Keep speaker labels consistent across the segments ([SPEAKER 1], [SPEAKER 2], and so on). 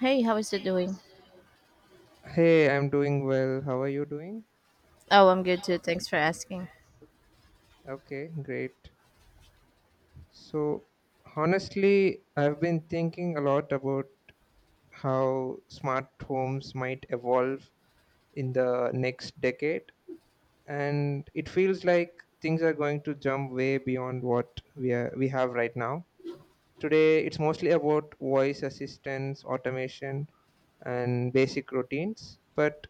[SPEAKER 1] Hey, how is it doing?
[SPEAKER 2] Hey, I'm doing well. How are you doing?
[SPEAKER 1] Oh, I'm good too. Thanks for asking.
[SPEAKER 2] Okay, great. So, honestly, I've been thinking a lot about how smart homes might evolve in the next decade, and it feels like things are going to jump way beyond we have right now. Today, it's mostly about voice assistance, automation, and basic routines, but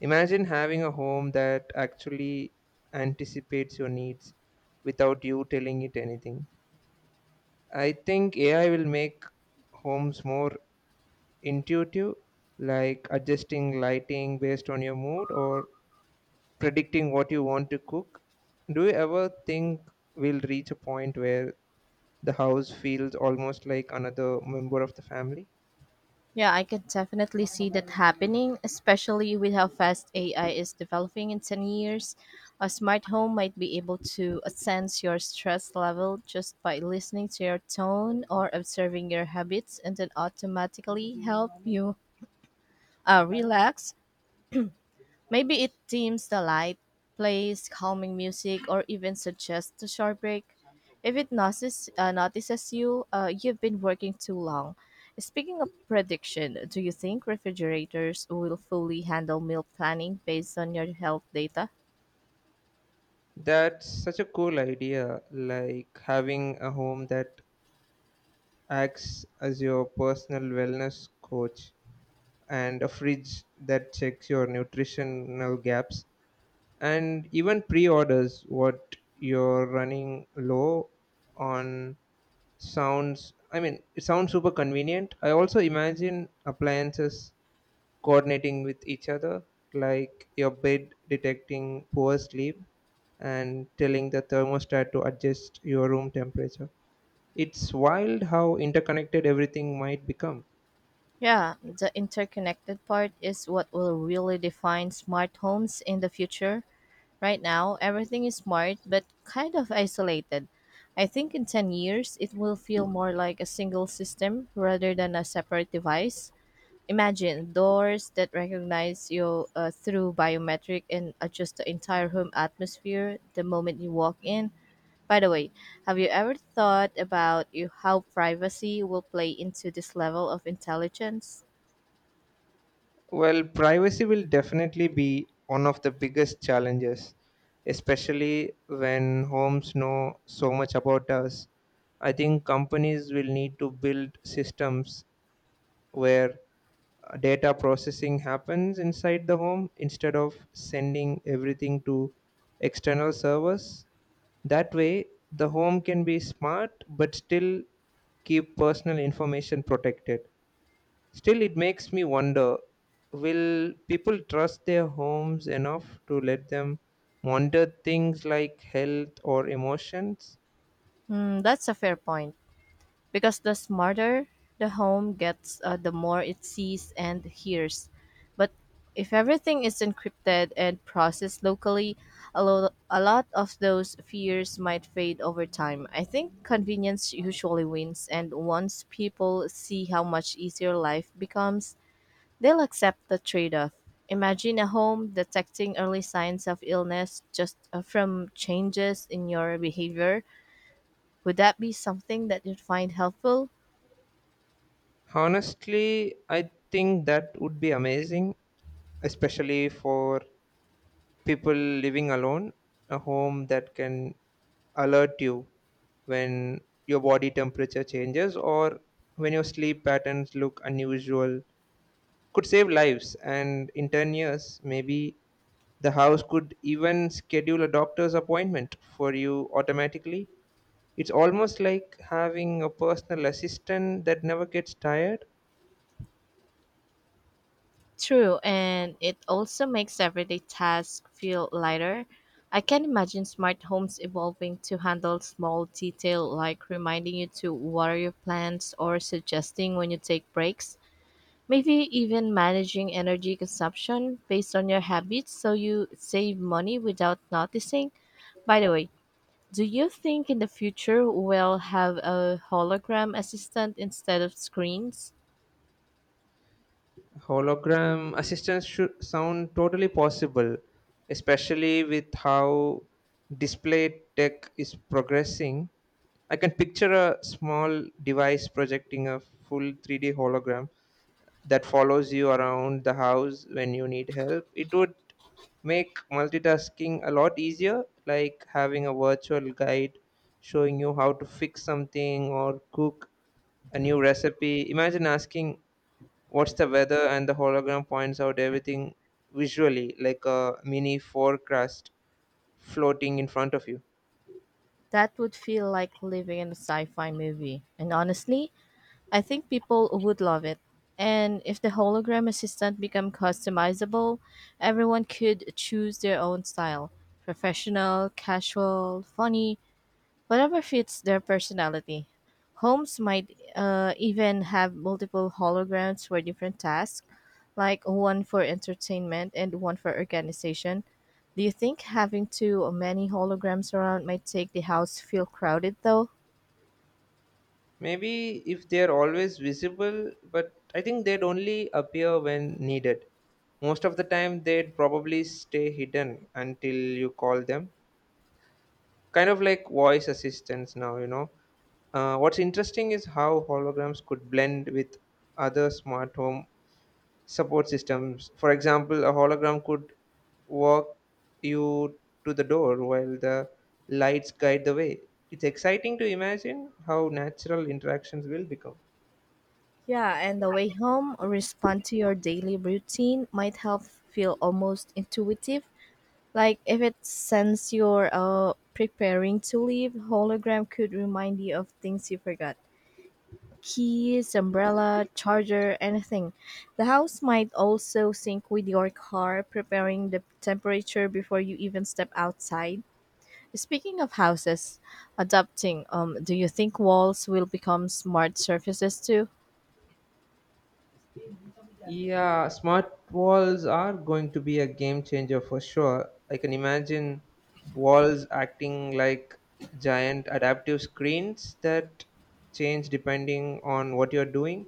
[SPEAKER 2] imagine having a home that actually anticipates your needs without you telling it anything. I think AI will make homes more intuitive, like adjusting lighting based on your mood or predicting what you want to cook. Do you ever think we'll reach a point where the house feels almost like another member of the family?
[SPEAKER 1] Yeah, I can definitely see that happening, especially with how fast AI is developing in 10 years. A smart home might be able to sense your stress level just by listening to your tone or observing your habits and then automatically help you relax. Maybe it dims the light, plays calming music, or even suggests a short break. If it notices you've been working too long. Speaking of prediction, do you think refrigerators will fully handle meal planning based on your health data?
[SPEAKER 2] That's such a cool idea, like having a home that acts as your personal wellness coach and a fridge that checks your nutritional gaps and even pre-orders what you're running low on sounds. I mean, it sounds super convenient. I also imagine appliances coordinating with each other, like your bed detecting poor sleep and telling the thermostat to adjust your room temperature. It's wild how interconnected everything might become.
[SPEAKER 1] Yeah, the interconnected part is what will really define smart homes in the future. Right now, everything is smart but kind of isolated. I think in 10 years, it will feel more like a single system rather than a separate device. Imagine doors that recognize you through biometric and adjust the entire home atmosphere the moment you walk in. By the way, have you ever thought about you, how privacy will play into this level of intelligence?
[SPEAKER 2] Well, privacy will definitely be one of the biggest challenges, especially when homes know so much about us. I think companies will need to build systems where data processing happens inside the home instead of sending everything to external servers. That way, the home can be smart but still keep personal information protected. Still, it makes me wonder, will people trust their homes enough to let them monitor things like health or emotions?
[SPEAKER 1] Hmm, that's a fair point. Because the smarter the home gets, the more it sees and hears. But if everything is encrypted and processed locally, a lot of those fears might fade over time. I think convenience usually wins, and once people see how much easier life becomes, they'll accept the trade off. Imagine a home detecting early signs of illness just from changes in your behavior. Would that be something that you'd find helpful?
[SPEAKER 2] Honestly, I think that would be amazing, especially for people living alone. A home that can alert you when your body temperature changes or when your sleep patterns look unusual could save lives, and in 10 years maybe the house could even schedule a doctor's appointment for you automatically. It's almost like having a personal assistant that never gets tired.
[SPEAKER 1] True, and it also makes everyday tasks feel lighter. I can imagine smart homes evolving to handle small detail like reminding you to water your plants or suggesting when you take breaks. Maybe even managing energy consumption based on your habits so you save money without noticing. By the way, do you think in the future we'll have a hologram assistant instead of screens?
[SPEAKER 2] Hologram assistants should sound totally possible, especially with how display tech is progressing. I can picture a small device projecting a full 3D hologram that follows you around the house when you need help. It would make multitasking a lot easier, like having a virtual guide showing you how to fix something or cook a new recipe. Imagine asking what's the weather and the hologram points out everything visually, like a mini forecast floating in front of you.
[SPEAKER 1] That would feel like living in a sci fi movie. And honestly, I think people would love it. And if the hologram assistant become customizable, everyone could choose their own style, professional, casual, funny, whatever fits their personality. Homes might even have multiple holograms for different tasks, like one for entertainment and one for organization. Do you think having too many holograms around might make the house feel crowded though?
[SPEAKER 2] Maybe if they are always visible, but I think they'd only appear when needed. Most of the time, they'd probably stay hidden until you call them. Kind of like voice assistants now, you know. What's interesting is how holograms could blend with other smart home support systems. For example, a hologram could walk you to the door while the lights guide the way. It's exciting to imagine how natural interactions will become.
[SPEAKER 1] Yeah, and the way home respond to your daily routine might help feel almost intuitive. Like if it sends you're preparing to leave, hologram could remind you of things you forgot. Keys, umbrella, charger, anything. The house might also sync with your car, preparing the temperature before you even step outside. Speaking of houses, adapting, do you think walls will become smart surfaces too?
[SPEAKER 2] Yeah, smart walls are going to be a game changer for sure. I can imagine walls acting like giant adaptive screens that change depending on what you're doing.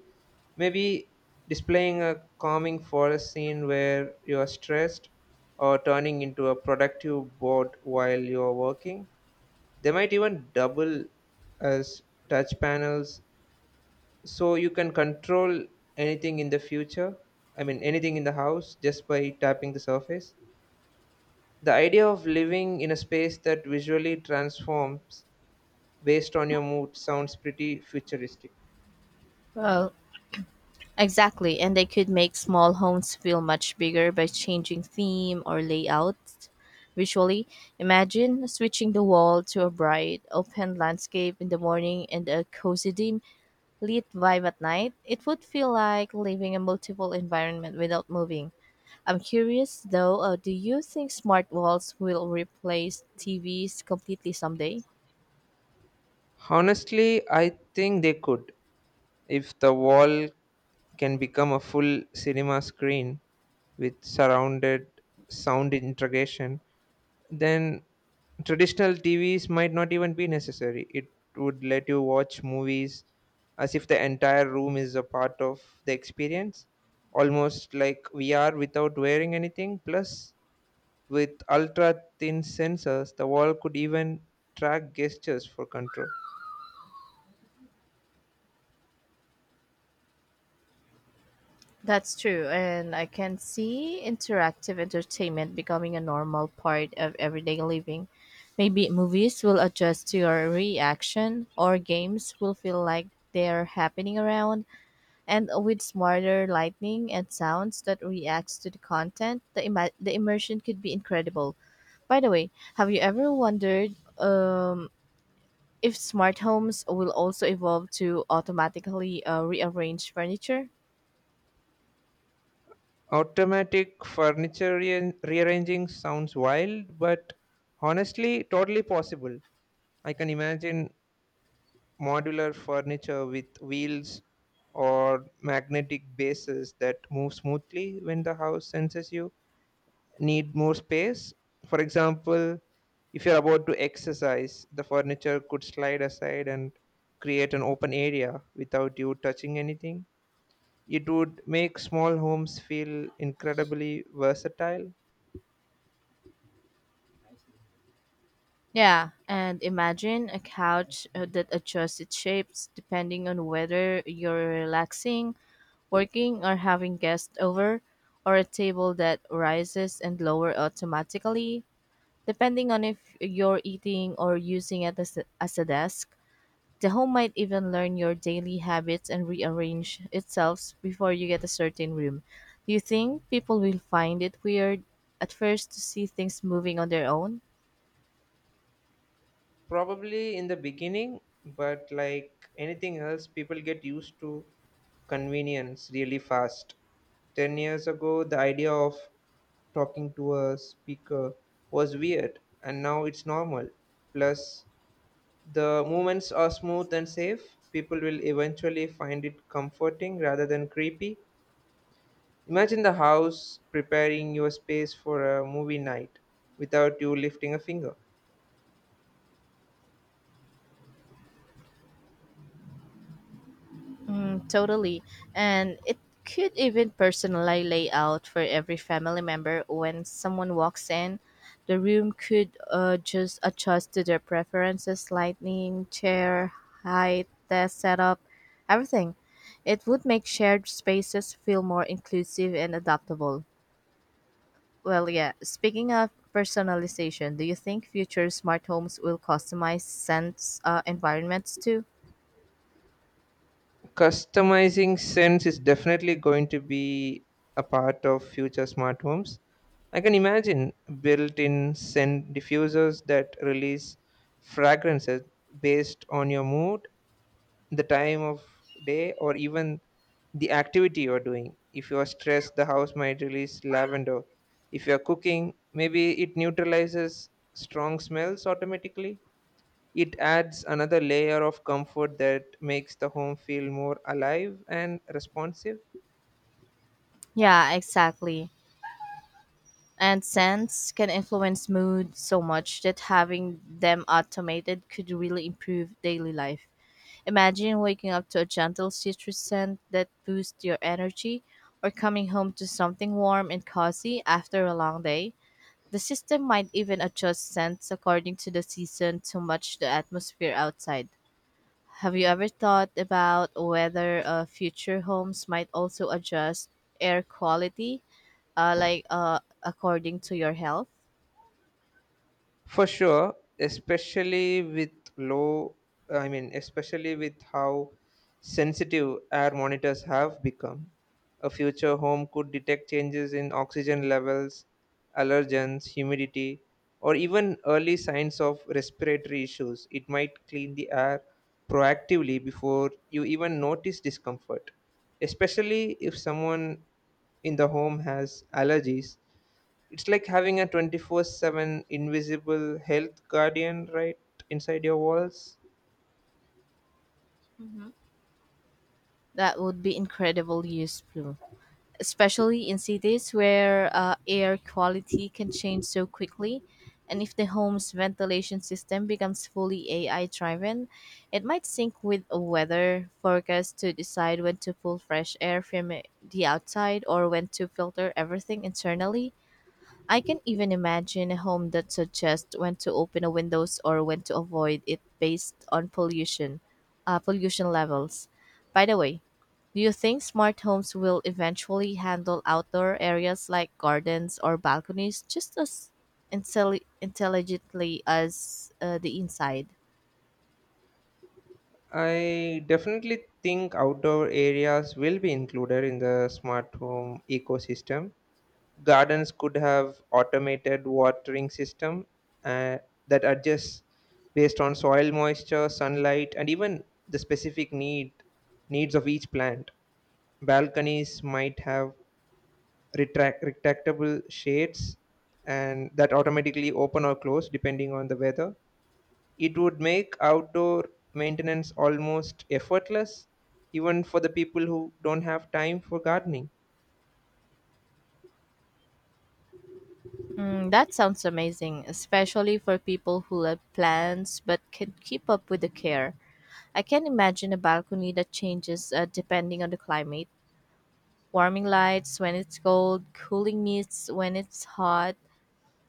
[SPEAKER 2] Maybe displaying a calming forest scene where you're stressed, or turning into a productive board while you're working. They might even double as touch panels so you can control anything in the future. I mean, anything in the house just by tapping the surface. The idea of living in a space that visually transforms based on your mood sounds pretty futuristic.
[SPEAKER 1] Well, exactly, and they could make small homes feel much bigger by changing theme or layout. Visually, imagine switching the wall to a bright, open landscape in the morning and a cozy dim lit vibe at night. It would feel like living in multiple environment without moving. I'm curious though, do you think smart walls will replace TVs completely someday?
[SPEAKER 2] Honestly, I think they could. If the wall can become a full cinema screen with surrounded sound integration, then traditional TVs might not even be necessary. It would let you watch movies as if the entire room is a part of the experience, almost like VR without wearing anything. Plus, with ultra thin sensors, the wall could even track gestures for control.
[SPEAKER 1] That's true, and I can see interactive entertainment becoming a normal part of everyday living. Maybe movies will adjust to your reaction, or games will feel like they're happening around. And with smarter lighting and sounds that reacts to the content, the immersion could be incredible. By the way, have you ever wondered if smart homes will also evolve to automatically rearrange furniture?
[SPEAKER 2] Automatic furniture rearranging sounds wild, but honestly, totally possible. I can imagine modular furniture with wheels or magnetic bases that move smoothly when the house senses you need more space. For example, if you're about to exercise, the furniture could slide aside and create an open area without you touching anything. It would make small homes feel incredibly versatile.
[SPEAKER 1] Yeah, and imagine a couch that adjusts its shapes depending on whether you're relaxing, working, or having guests over, or a table that rises and lower automatically, depending on if you're eating or using it as a desk. The home might even learn your daily habits and rearrange itself before you get a certain room. Do you think people will find it weird at first to see things moving on their own?
[SPEAKER 2] Probably in the beginning, but like anything else, people get used to convenience really fast. 10 years ago, the idea of talking to a speaker was weird, and now it's normal. Plus, the movements are smooth and safe. People will eventually find it comforting rather than creepy. Imagine the house preparing your space for a movie night without you lifting a finger.
[SPEAKER 1] Mm, totally. And it could even personally lay out for every family member when someone walks in. The room could just adjust to their preferences, lighting, chair, height, desk setup, everything. It would make shared spaces feel more inclusive and adaptable. Well, yeah, speaking of personalization, do you think future smart homes will customize sense environments too?
[SPEAKER 2] Customizing sense is definitely going to be a part of future smart homes. I can imagine built-in scent diffusers that release fragrances based on your mood, the time of day, or even the activity you're doing. If you're stressed, the house might release lavender. If you're cooking, maybe it neutralizes strong smells automatically. It adds another layer of comfort that makes the home feel more alive and responsive.
[SPEAKER 1] Yeah, exactly. And scents can influence mood so much that having them automated could really improve daily life. Imagine waking up to a gentle citrus scent that boosts your energy, or coming home to something warm and cozy after a long day. The system might even adjust scents according to the season to match the atmosphere outside. Have you ever thought about whether future homes might also adjust air quality, according to your health?
[SPEAKER 2] For sure, especially with low, I mean, especially with how sensitive air monitors have become. A future home could detect changes in oxygen levels, allergens, humidity, or even early signs of respiratory issues. It might clean the air proactively before you even notice discomfort, especially if someone in the home has allergies. It's like having a 24/7 invisible health guardian right inside your walls.
[SPEAKER 1] That would be incredibly useful, especially in cities where air quality can change so quickly. And if the home's ventilation system becomes fully AI driven, it might sync with a weather forecast to decide when to pull fresh air from the outside or when to filter everything internally. I can even imagine a home that suggests when to open a windows or when to avoid it based on pollution levels. By the way, do you think smart homes will eventually handle outdoor areas like gardens or balconies just as intelligently as the inside?
[SPEAKER 2] I definitely think outdoor areas will be included in the smart home ecosystem. Gardens could have automated watering system, uh, that adjusts based on soil moisture, sunlight, and even the specific needs of each plant. Balconies might have retractable shades and that automatically open or close depending on the weather. It would make outdoor maintenance almost effortless, even for the people who don't have time for gardening.
[SPEAKER 1] Mm, that sounds amazing, especially for people who love plants but can keep up with the care. I can imagine a balcony that changes depending on the climate, warming lights when it's cold, cooling mists when it's hot,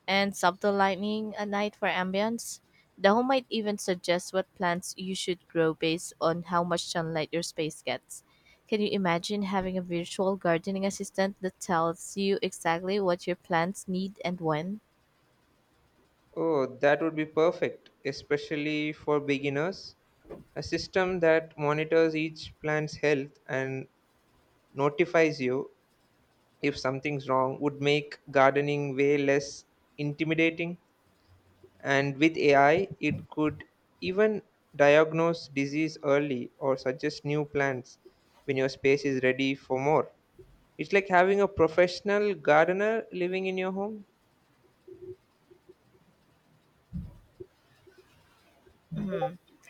[SPEAKER 1] and subtle lighting at night for ambience. The home might even suggest what plants you should grow based on how much sunlight your space gets. Can you imagine having a virtual gardening assistant that tells you exactly what your plants need and when?
[SPEAKER 2] Oh, that would be perfect, especially for beginners. A system that monitors each plant's health and notifies you if something's wrong would make gardening way less intimidating. And with AI, it could even diagnose disease early or suggest new plants when your space is ready for more. It's like having a professional gardener living in your home.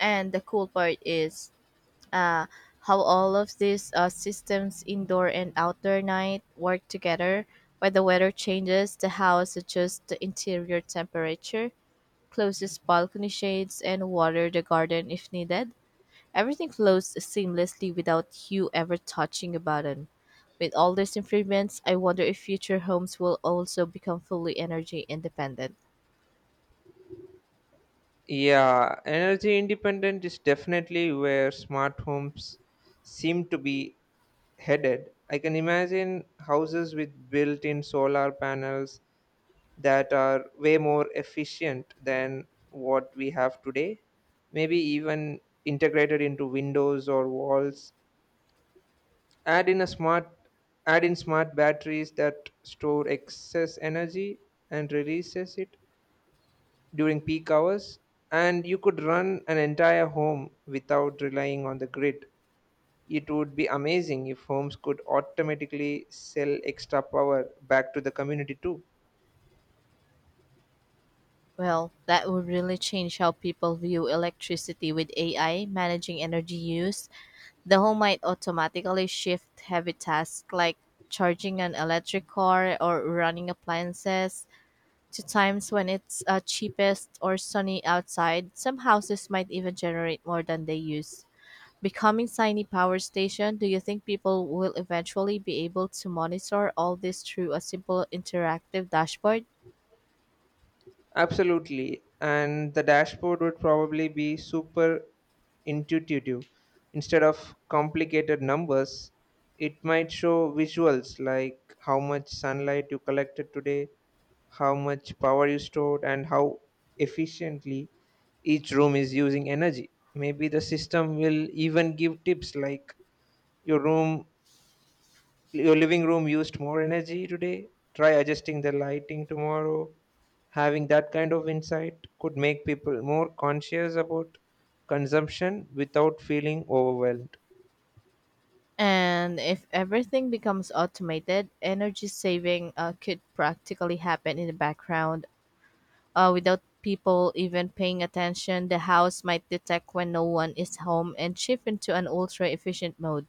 [SPEAKER 1] And the cool part is, uh, how all of these systems, indoor and outdoor night, work together. When the weather changes, the house adjusts the interior temperature, closes balcony shades, and water the garden if needed. Everything flows seamlessly without you ever touching a button. With all these improvements, I wonder if future homes will also become fully energy independent.
[SPEAKER 2] Yeah, energy independent is definitely where smart homes seem to be headed. I can imagine houses with built in solar panels that are way more efficient than what we have today, maybe even integrated into windows or walls. add in a smart Add in smart batteries that store excess energy and releases it during peak hours, and you could run an entire home without relying on the grid. It would be amazing if homes could automatically sell extra power back to the community too.
[SPEAKER 1] Well, that would really change how people view electricity with AI managing energy use. The home might automatically shift heavy tasks like charging an electric car or running appliances to times when it's cheapest or sunny outside. Some houses might even generate more than they use. Becoming tiny power station, do you think people will eventually be able to monitor all this through a simple interactive dashboard?
[SPEAKER 2] Absolutely, and the dashboard would probably be super intuitive. Instead of complicated numbers, it might show visuals like how much sunlight you collected today, how much power you stored, and how efficiently each room is using energy. Maybe the system will even give tips like, your room your living room used more energy today, try adjusting the lighting tomorrow. Having that kind of insight could make people more conscious about consumption without feeling overwhelmed.
[SPEAKER 1] And if everything becomes automated, energy saving could practically happen in the background without people even paying attention. The house might detect when no one is home and shift into an ultra efficient mode.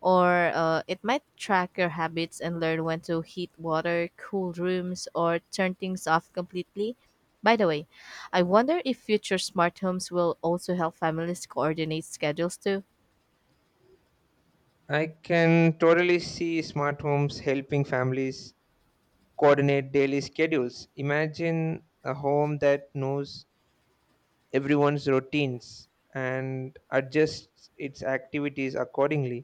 [SPEAKER 1] Or it might track your habits and learn when to heat water, cool rooms, or turn things off completely. By the way, I wonder if future smart homes will also help families coordinate schedules too.
[SPEAKER 2] I can totally see smart homes helping families coordinate daily schedules. Imagine a home that knows everyone's routines and adjusts its activities accordingly,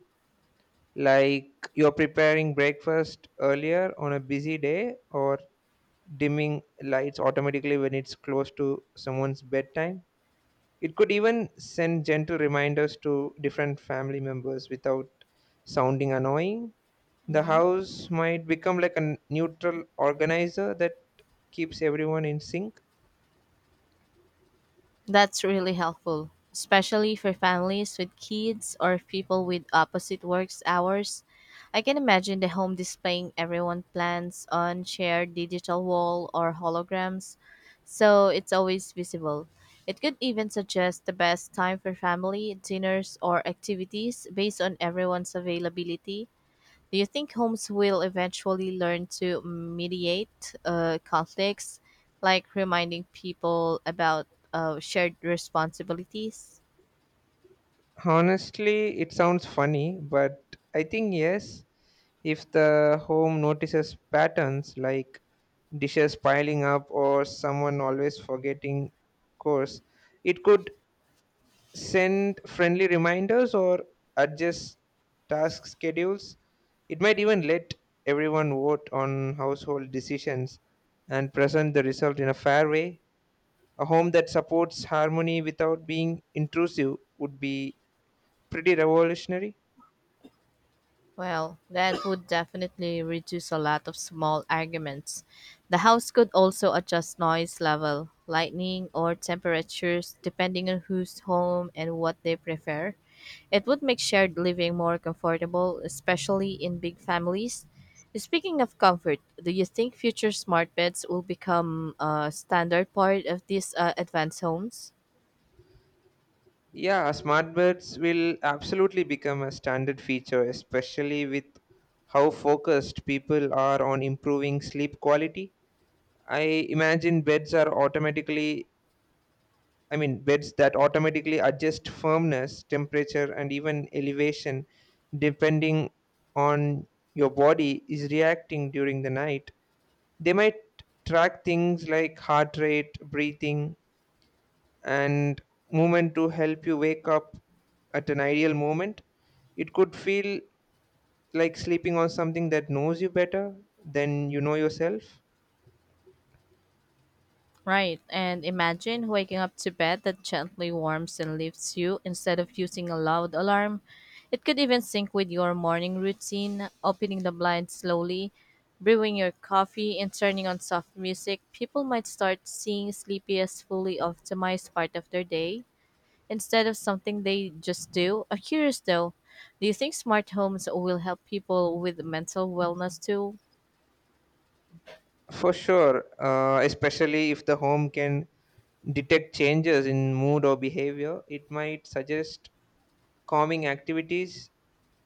[SPEAKER 2] like you're preparing breakfast earlier on a busy day, or dimming lights automatically when it's close to someone's bedtime. It could even send gentle reminders to different family members without sounding annoying. The house might become like a neutral organizer that keeps everyone in sync.
[SPEAKER 1] That's really helpful, especially for families with kids or people with opposite works hours. I can imagine the home displaying everyone plans on shared digital wall or holograms, so it's always visible. It could even suggest the best time for family dinners or activities based on everyone's availability. Do you think homes will eventually learn to mediate conflicts, like reminding people about shared responsibilities?
[SPEAKER 2] Honestly, it sounds funny, but I think yes. If the home notices patterns like dishes piling up or someone always forgetting chores, it could send friendly reminders or adjust task schedules. It might even let everyone vote on household decisions and present the result in a fair way. A home that supports harmony without being intrusive would be pretty revolutionary.
[SPEAKER 1] Well, that would definitely reduce a lot of small arguments. The house could also adjust noise level, lighting, or temperatures depending on who's home and what they prefer. It would make shared living more comfortable, especially in big families. Speaking of comfort, do you think future smart beds will become a standard part of these advanced homes?
[SPEAKER 2] Yeah, smart birds will absolutely become a standard feature, especially with how focused people are on improving sleep quality. I imagine beds are automatically, I mean, beds that automatically adjust firmness, temperature, and even elevation depending on your body is reacting during the night. They might track things like heart rate, breathing, and movement to help you wake up at an ideal moment. It could feel like sleeping on something that knows you better than you know yourself.
[SPEAKER 1] Right, and imagine waking up to bed that gently warms and lifts you instead of using a loud alarm. It could even sync with your morning routine, opening the blind slowly, brewing your coffee, and turning on soft music. People might start seeing sleepy as fully optimized part of their day instead of something they just do. I'm curious though, do you think smart homes will help people with mental wellness too?
[SPEAKER 2] For sure, especially if the home can detect changes in mood or behavior, it might suggest calming activities,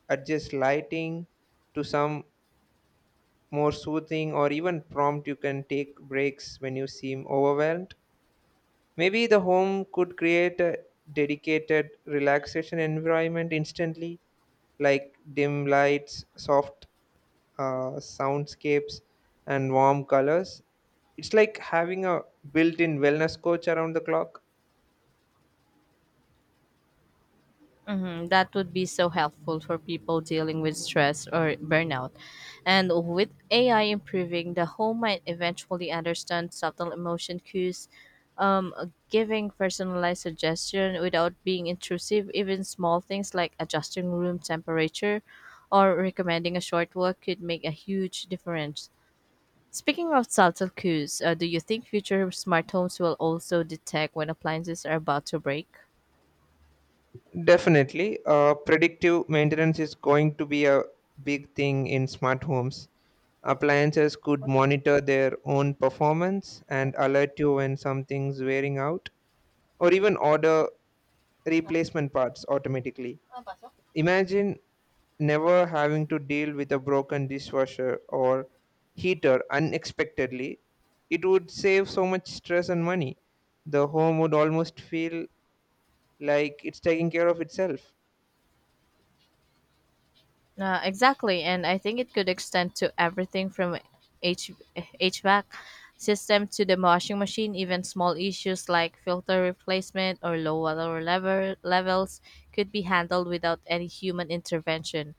[SPEAKER 2] adjust lighting to some more soothing, or even prompt you can take breaks when you seem overwhelmed. Maybe the home could create a dedicated relaxation environment instantly, like dim lights, soft soundscapes, and warm colors. It's like having a built in wellness coach around the clock.
[SPEAKER 1] Hmm, that would be so helpful for people dealing with stress or burnout. And with AI improving, the home might eventually understand subtle emotion cues, giving personalized suggestion without being intrusive. Even small things like adjusting room temperature or recommending a short walk could make a huge difference. Speaking of subtle cues, do you think future smart homes will also detect when appliances are about to break?
[SPEAKER 2] Definitely, predictive maintenance is going to be a big thing in smart homes. Appliances could monitor their own performance and alert you when something's wearing out or even order replacement parts automatically. Imagine never having to deal with a broken dishwasher or heater unexpectedly. It would save so much stress and money. The home would almost feel like it's taking care of itself.
[SPEAKER 1] Exactly, and I think it could extend to everything from H- HVAC system to the washing machine. Even small issues like filter replacement or low water level levels could be handled without any human intervention.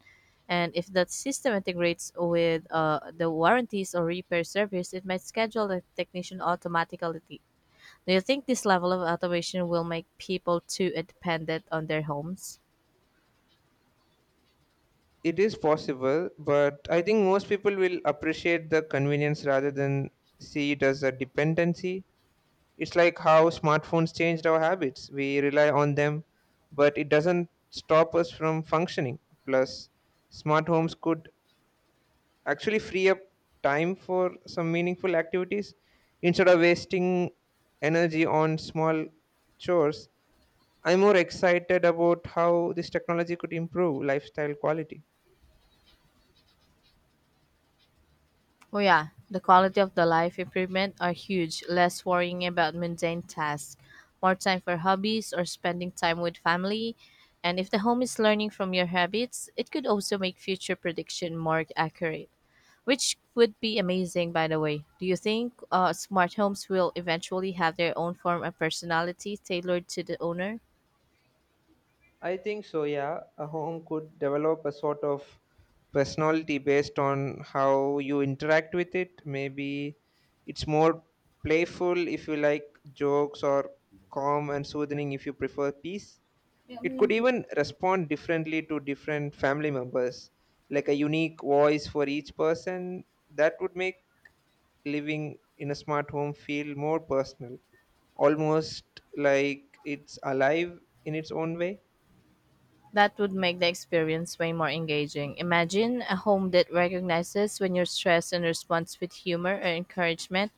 [SPEAKER 1] And if that system integrates with the warranties or repair service, it might schedule the technician automatically. Do you think this level of automation will make people too dependent on their homes?
[SPEAKER 2] It is possible, but I think most people will appreciate the convenience rather than see it as a dependency. It's like how smartphones changed our habits. We rely on them, but it doesn't stop us from functioning. Plus, smart homes could actually free up time for some meaningful activities instead of wasting energy on small chores. I'm more excited about how this technology could improve lifestyle quality.
[SPEAKER 1] Oh yeah, the quality of the life improvement are huge. Less worrying about mundane tasks, more time for hobbies or spending time with family. And if the home is learning from your habits, it could also make future prediction more accurate, which would be amazing by the way. Do you think smart homes will eventually have their own form of personality tailored to the owner?
[SPEAKER 2] I think so, yeah. A home could develop a sort of personality based on how you interact with it. Maybe it's more playful if you like jokes, or calm and soothing if you prefer peace. It could even respond differently to different family members, like a unique voice for each person. That would make living in a smart home feel more personal, almost like it's alive in its own way.
[SPEAKER 1] That would make the experience way more engaging. Imagine a home that recognizes when you're stressed and responds with humor or encouragement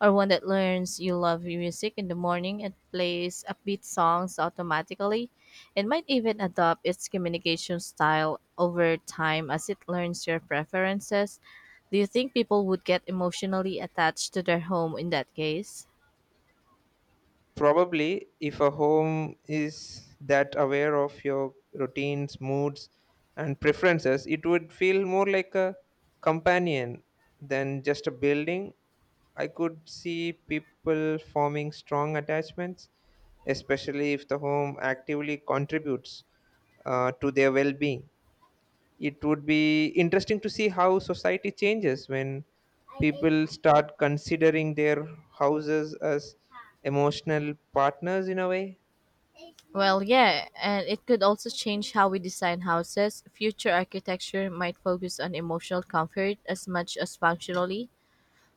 [SPEAKER 1] or one that learns you love music in the morning and plays upbeat songs automatically. It might even adopt its communication style over time as it learns your preferences. Do you think people would get emotionally attached to their home in that case?
[SPEAKER 2] Probably, if a home is that aware of your routines, moods, and preferences, it would feel more like a companion than just a building. I could see people forming strong attachments, especially if the home actively contributes to their well being. It would be interesting to see how society changes when people start considering their houses as emotional partners in a way.
[SPEAKER 1] Well, yeah, and it could also change how we design houses. Future architecture might focus on emotional comfort as much as functionally.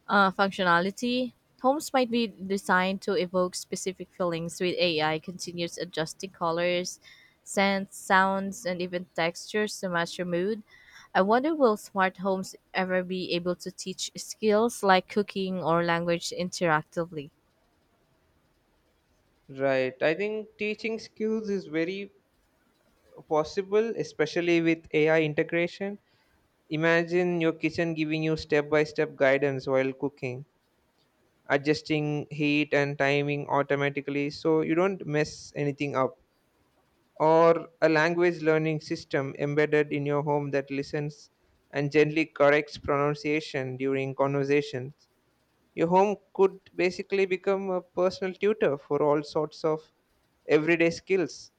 [SPEAKER 1] functionality. Homes might be designed to evoke specific feelings with AI continues adjusting colors, scents, sounds, and even textures to match your mood. I wonder will smart homes ever be able to teach skills like cooking or language interactively?
[SPEAKER 2] Right, I think teaching skills is very possible, especially with AI integration. Imagine your kitchen giving you step by step guidance while cooking, adjusting heat and timing automatically so you don't mess anything up, or a language learning system embedded in your home that listens and gently corrects pronunciation during conversations. Your home could basically become a personal tutor for all sorts of everyday skills.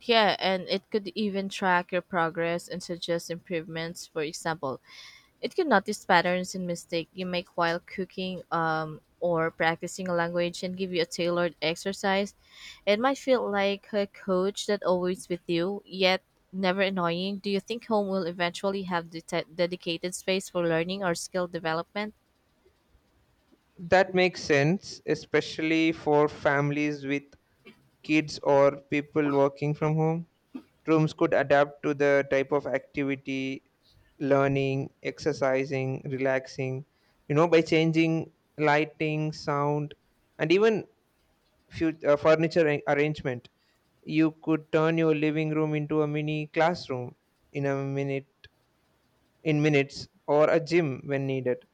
[SPEAKER 1] Yeah, and it could even track your progress and suggest improvements. For example, it can notice patterns in mistakes you make while cooking or practicing a language and give you a tailored exercise. It might feel like a coach that always with you, yet never annoying. Do you think home will eventually have the dedicated space for learning or skill development?
[SPEAKER 2] That makes sense, especially for families with kids or people working from home. Rooms could adapt to the type of activity, learning, exercising, relaxing, you know, by changing lighting, sound, and even arrangement. You could turn your living room into a mini classroom in a minute, in minutes, or a gym when needed.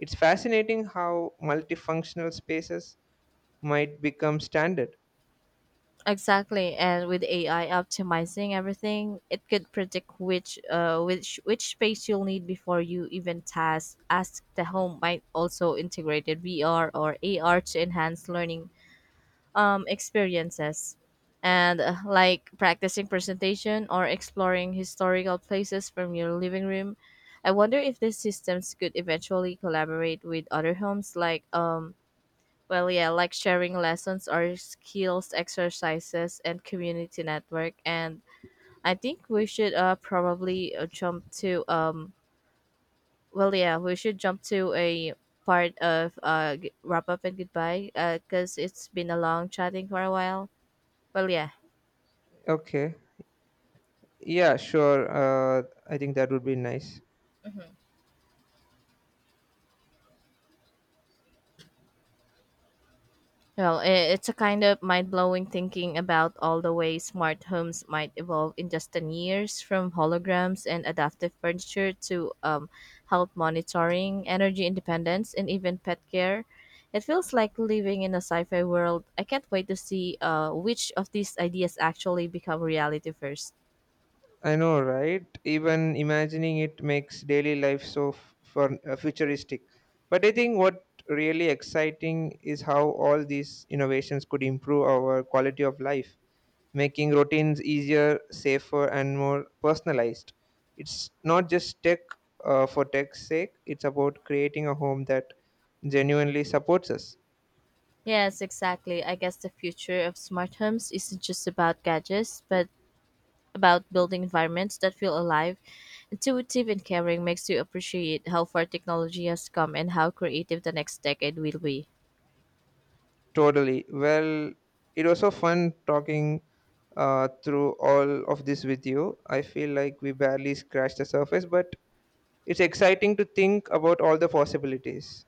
[SPEAKER 2] It's fascinating how multifunctional spaces might become standard.
[SPEAKER 1] Exactly, and with AI optimizing everything, it could predict which space you'll need before you even task ask. The home might also integrated VR or AR to enhance learning experiences and like practicing presentation or exploring historical places from your living room. I wonder if these systems could eventually collaborate with other homes like sharing lessons or skills exercises and community network and I think we should probably jump to well yeah we should jump to a part of wrap up and goodbye because it's been a long chatting for a while well yeah.
[SPEAKER 2] Okay. Yeah, sure. I think that would be nice.
[SPEAKER 1] Mhm. Well, it's a kind of mind blowing thinking about all the ways smart homes might evolve in just 10 years from holograms and adaptive furniture to health monitoring, energy independence, and even pet care. It feels like living in a sci fi world. I can't wait to see which of these ideas actually become reality first.
[SPEAKER 2] I know, right? Even imagining it makes daily life so fun, futuristic. But I think what really exciting is how all these innovations could improve our quality of life, making routines easier, safer, and more personalized. It's not just tech for tech's sake. It's about creating a home that genuinely supports us.
[SPEAKER 1] Yes, exactly. I guess the future of smart homes isn't just about gadgets, but about building environments that feel alive, intuitive, and caring makes you appreciate how far technology has come and how creative the next decade will be.
[SPEAKER 2] Totally. Well, it was so fun talking through all of this with you. I feel like we barely scratched the surface, but it's exciting to think about all the possibilities.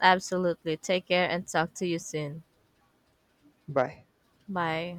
[SPEAKER 1] Absolutely. Take care and talk to you soon.
[SPEAKER 2] Bye.
[SPEAKER 1] Bye.